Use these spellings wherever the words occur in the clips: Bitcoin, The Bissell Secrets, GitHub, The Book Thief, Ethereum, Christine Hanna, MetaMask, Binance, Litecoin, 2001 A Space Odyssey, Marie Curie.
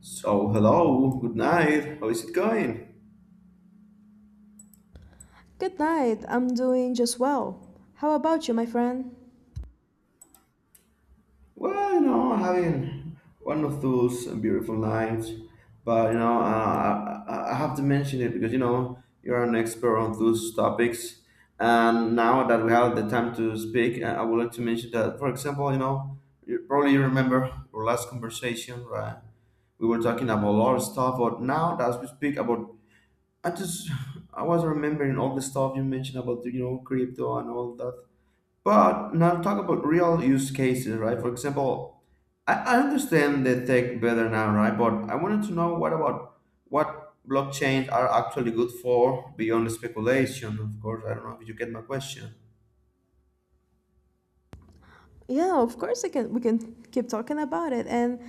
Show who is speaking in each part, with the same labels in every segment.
Speaker 1: So hello, good night. How is it going?
Speaker 2: Good night. I'm doing just well. How about you, my friend?
Speaker 1: Well, you know, having one of those beautiful nights, but I have to mention it because you know you're an expert on those topics, and now that we have the time to speak, I would like to mention that, for example, you probably remember our last conversation, right? We were talking about a lot of stuff, but now that we speak about, I just I was remembering all the stuff you mentioned about crypto and all that. But now talk about real use cases, right? For example, I understand the tech better now, right? But I wanted to know what about what blockchains are actually good for beyond speculation, of course. I don't know if you get my question.
Speaker 2: Yeah, of course I can. We can keep talking about it. And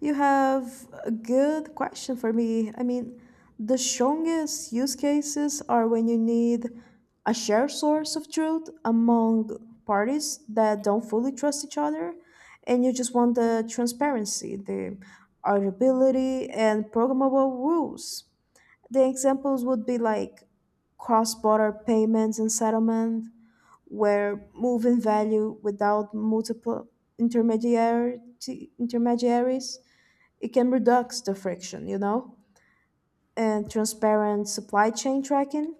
Speaker 2: you have a good question for me. I mean, the strongest use cases are when you need a shared source of truth among parties that don't fully trust each other, and you just want the transparency, the auditability, and programmable rules. The examples would be like cross border payments and settlement, where moving value without multiple intermediary, intermediaries, it can reduce the friction, you know, and transparent supply chain tracking,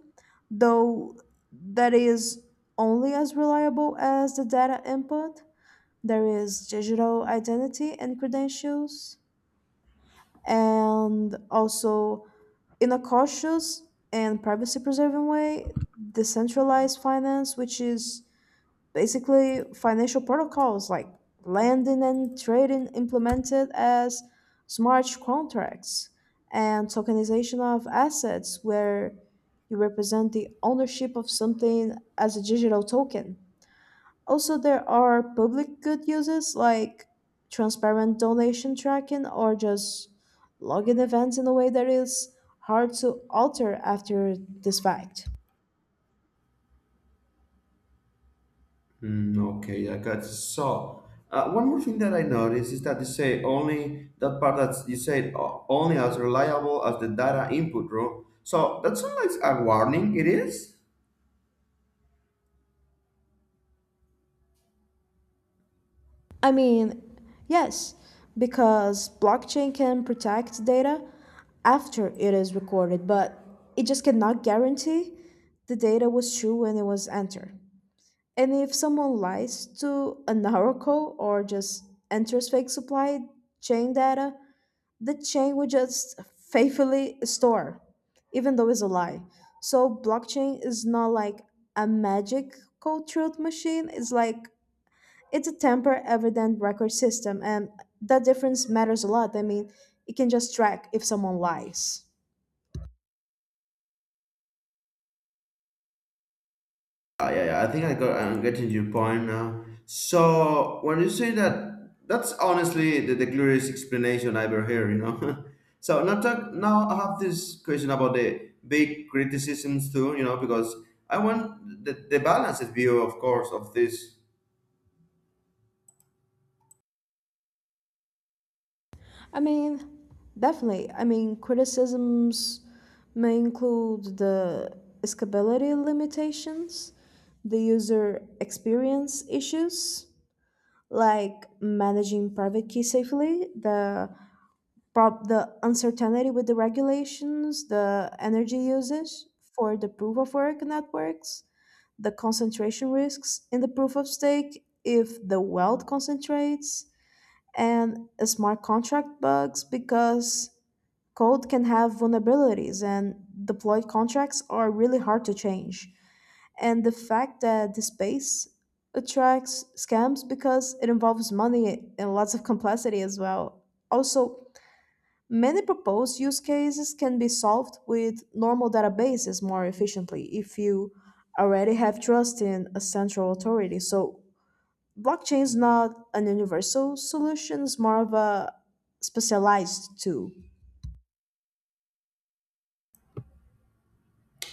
Speaker 2: though that is only as reliable as the data input. There is digital identity and credentials, and also in a cautious and privacy preserving way, decentralized finance, which is basically financial protocols like lending and trading implemented as smart contracts and tokenization of assets where you represent the ownership of something as a digital token. Also, there are public good uses like transparent donation tracking or just logging events in a way that is hard to alter after this fact.
Speaker 1: Hmm, okay, I got it. So, one more thing that I noticed is that you say only that part that you said only as reliable as the data input, bro. So that sounds like a warning. It is.
Speaker 2: I mean, yes, because blockchain can protect data after it is recorded, but it just cannot guarantee the data was true when it was entered. And if someone lies to an oracle or just enters fake supply chain data, the chain will just faithfully store, even though it's a lie. So blockchain is not like a magical truth machine. It's like it's a temper evident record system, and that difference matters a lot. I mean, it can just track if someone lies.
Speaker 1: Yeah, yeah, I think I'm getting your point now. So when you say that, that's honestly the clearest explanation I ever hear. You know. So now talk, now I have this question about the big criticisms too. You know, because I want the balanced view, of course, of this.
Speaker 2: I mean, definitely. I mean, criticisms may include the scalability limitations, the user experience issues like managing private key safely, the uncertainty with the regulations, the energy usage for the proof of work networks, the concentration risks in the proof of stake if the wealth concentrates, and smart contract bugs because code can have vulnerabilities and deployed contracts are really hard to change and the fact that the space attracts scams because it involves money and lots of complexity as well. Also, many proposed use cases can be solved with normal databases more efficiently if you already have trust in a central authority. So, blockchain is not an universal solution, it's more of a specialized tool.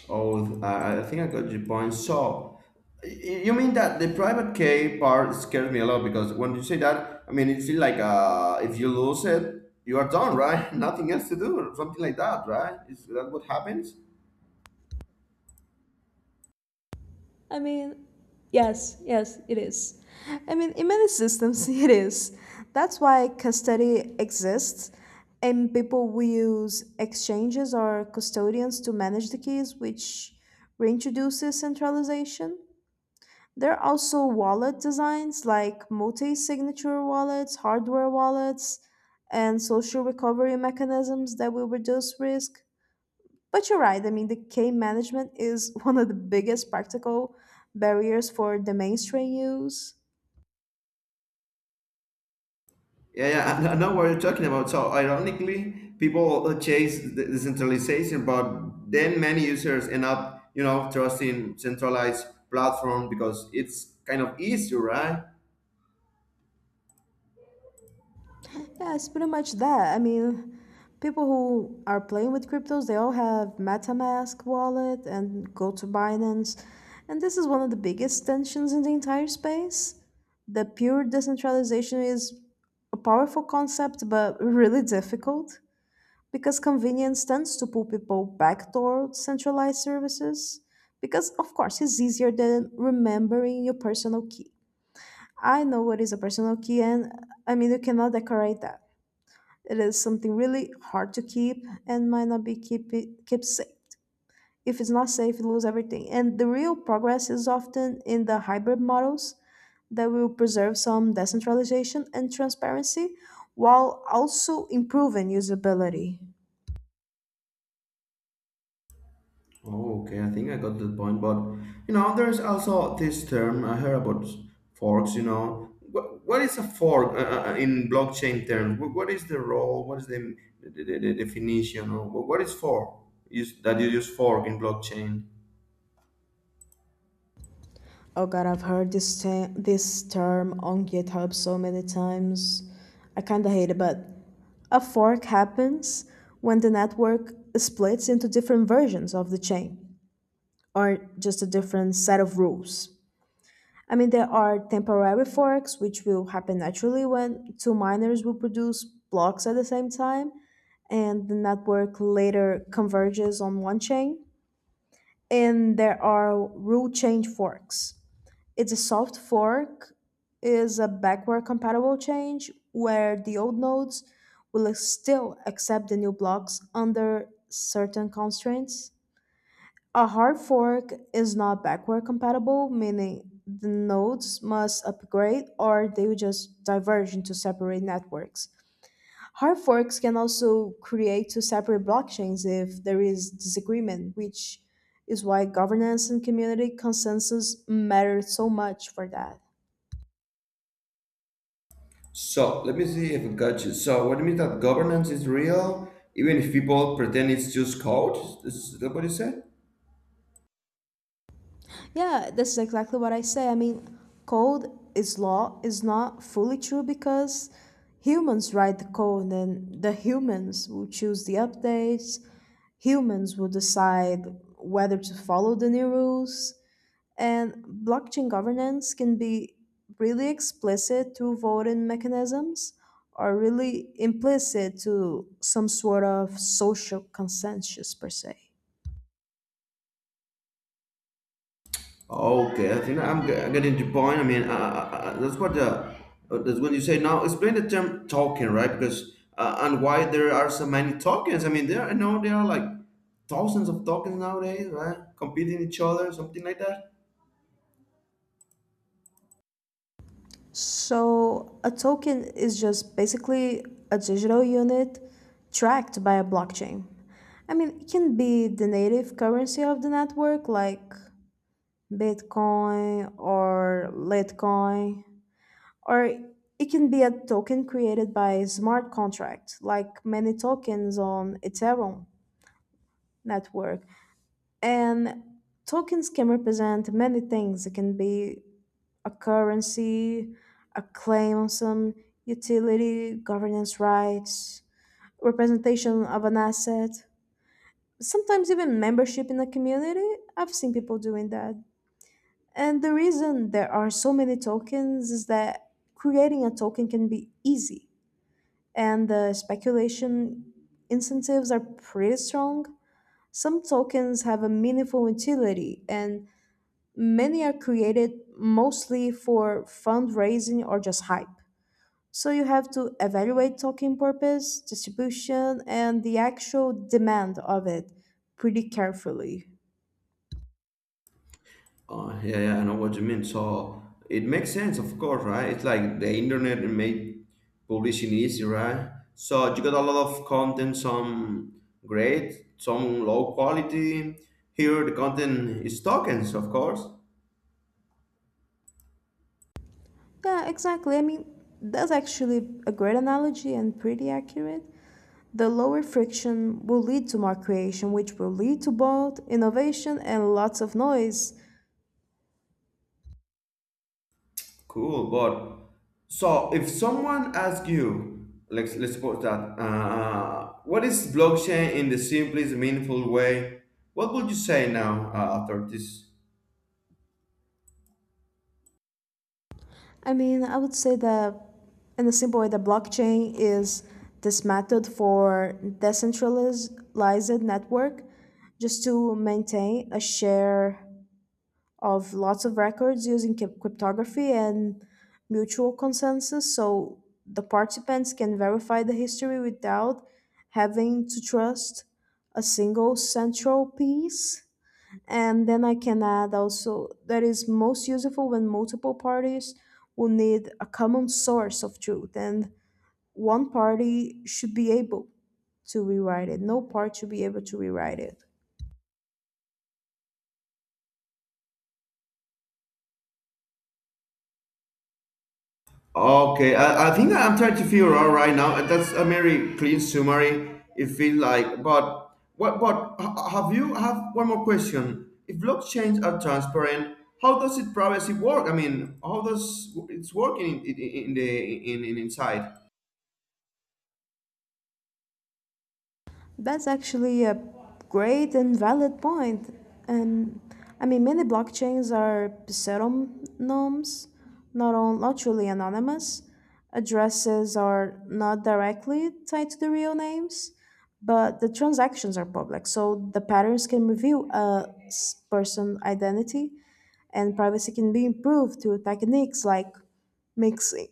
Speaker 1: Oh, I think I got your point. So, you mean that the private key part scares me a lot because when you say that, I mean, it feels like if you lose it, you are done, right? Nothing else to do, or something like that, right? Is that what happens?
Speaker 2: I mean, yes, yes, it is. I mean, in many systems, it is. That's why custody exists, and people will use exchanges or custodians to manage the keys, which reintroduces centralization. There are also wallet designs like multi signature wallets, hardware wallets, and social recovery mechanisms that will reduce risk. But you're right, I mean, the K management is one of the biggest practical barriers for the mainstream use.
Speaker 1: Yeah, yeah, I know what you're talking about. So, ironically, people chase the centralization, but then many users end up, you know, trusting centralized platform because it's kind of easier, right?
Speaker 2: Yeah, it's pretty much that. I mean, people who are playing with cryptos, they all have MetaMask wallet and go to Binance. And this is one of the biggest tensions in the entire space. The pure decentralization is a powerful concept, but really difficult. Because convenience tends to pull people back toward centralized services. Because, of course, it's easier than remembering your personal key. I know what is a personal key, and I mean, you cannot decorate that. It is something really hard to keep and might not be kept safe. If it's not safe, you lose everything. And the real progress is often in the hybrid models that will preserve some decentralization and transparency while also improving usability.
Speaker 1: Oh, okay, I think I got the point. But you know, there's also this term I heard about forks. You know, what is a fork in blockchain terms? What is the role? What is the definition? Or what is fork? Use that you use fork in blockchain.
Speaker 2: Oh God, I've heard this term on GitHub so many times. I kind of hate it, but a fork happens when the network splits into different versions of the chain or just a different set of rules. I mean, there are temporary forks, which will happen naturally when two miners will produce blocks at the same time, and the network later converges on one chain. And there are rule change forks. It's a soft fork, is a backward compatible change where the old nodes will still accept the new blocks under certain constraints. A hard fork is not backward compatible, meaning the nodes must upgrade or they will just diverge into separate networks. Hard forks can also create two separate blockchains if there is disagreement, which is why governance and community consensus matter so much for that.
Speaker 1: So let me see if I got you. So what it means that governance is real, even if people pretend it's just code. Is that what you said?
Speaker 2: Yeah, this is exactly what I say. I mean, code is law is not fully true because humans write the code and the humans will choose the updates. Humans will decide whether to follow the new rules. And blockchain governance can be really explicit through voting mechanisms or really implicit to some sort of social consensus per se.
Speaker 1: Okay, I think getting the point. I mean, that's what the that's what you say. Now, explain the term token, right? Because and why there are so many tokens. I mean, there I know there are like thousands of tokens nowadays, right? Competing each other, something like that.
Speaker 2: So, a token is just basically a digital unit tracked by a blockchain. I mean, it can be the native currency of the network, like Bitcoin or Litecoin, or it can be a token created by a smart contract, like many tokens on Ethereum network. And tokens can represent many things. It can be a currency, a claim on some utility, governance rights, representation of an asset, sometimes even membership in a community. I've seen people doing that. And the reason there are so many tokens is that creating a token can be easy, and the speculation incentives are pretty strong. Some tokens have a meaningful utility, and many are created mostly for fundraising or just hype. So you have to evaluate token purpose, distribution, and the actual demand of it pretty carefully.
Speaker 1: Yeah, yeah, I know what you mean. So it makes sense, of course, right? It's like the internet made publishing easy, right? So you got a lot of content, some great, some low quality. Here the content is tokens, of course.
Speaker 2: Yeah, exactly. I mean, that's actually a great analogy and pretty accurate. The lower friction will lead to more creation, which will lead to both innovation and lots of noise.
Speaker 1: Cool, but so if someone asks you, let's suppose that what is blockchain in the simplest meaningful way, what would you say now after this?
Speaker 2: I mean, I would say that in a simple way, the blockchain is this method for decentralized network just to maintain a share of lots of records using cryptography and mutual consensus so the participants can verify the history without having to trust a single central piece, and then I can add also that is most useful when multiple parties will need a common source of truth and one party should be able to rewrite it no part should be able to rewrite it.
Speaker 1: Okay, I think I'm trying to figure out right now, and that's a very clean summary. It feels like, but what? But have you have one more question? If blockchains are transparent, how does it privacy work? I mean, how does it's working in the in inside?
Speaker 2: That's actually a great and valid point. And I mean, many blockchains are pseudonyms, not truly anonymous. Addresses are not directly tied to the real names, but the transactions are public, so the patterns can reveal a person's identity, and privacy can be improved through techniques like mixing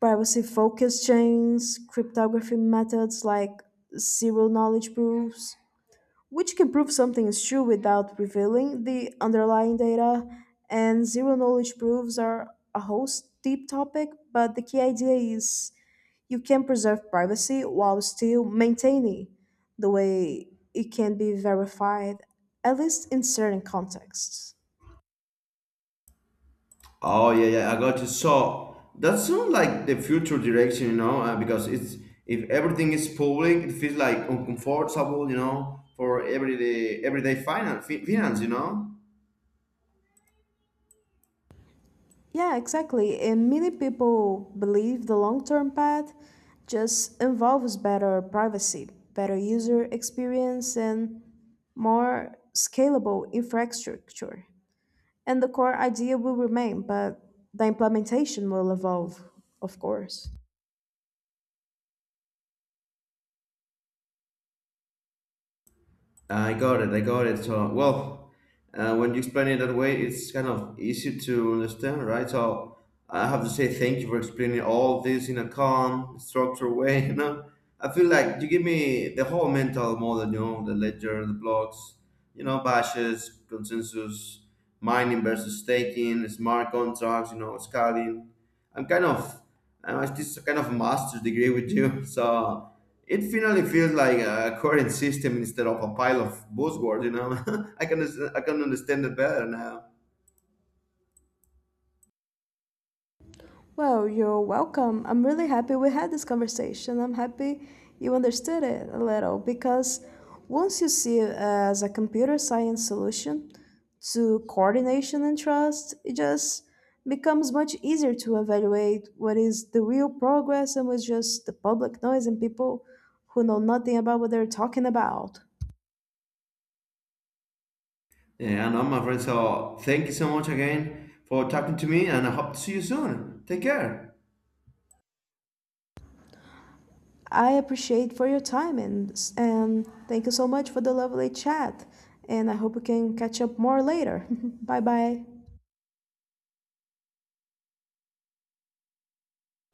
Speaker 2: privacy focused chains, cryptography methods like zero knowledge proofs, which can prove something is true without revealing the underlying data. And zero knowledge proofs are a whole deep topic, but the key idea is you can preserve privacy while still maintaining the way it can be verified, at least in certain contexts.
Speaker 1: Oh yeah, yeah, I got you. So that sounds like the future direction, you know, because it's if everything is public, it feels like uncomfortable, you know, for everyday finance, you know.
Speaker 2: Yeah, exactly. And many people believe the long term path just involves better privacy, better user experience, and more scalable infrastructure. And the core idea will remain, but the implementation will evolve, of course.
Speaker 1: I got it. I got it. So, well, when you explain it that way, it's kind of easy to understand, right? So, I have to say thank you for explaining all this in a calm, structured way. You know, I feel like you give me the whole mental model. You know, the ledger, the blocks, you know, bashes, consensus, mining versus staking, smart contracts. You know, scaling. I'm kind of, I'm at this kind of master's degree with you. So. It finally feels like a coherent system instead of a pile of buzzwords, you know. I can I can understand it better now.
Speaker 2: Well, you're welcome. I'm really happy we had this conversation. I'm happy you understood it a little because once you see it as a computer science solution to coordination and trust, it just becomes much easier to evaluate what is the real progress and what's just the public noise and people who know nothing about what they're talking about.
Speaker 1: Yeah, I know, my friend. So thank you so much again for talking to me, and I hope to see you soon. Take care.
Speaker 2: I appreciate for your time and thank you so much for the lovely chat. And I hope we can catch up more later. Bye bye.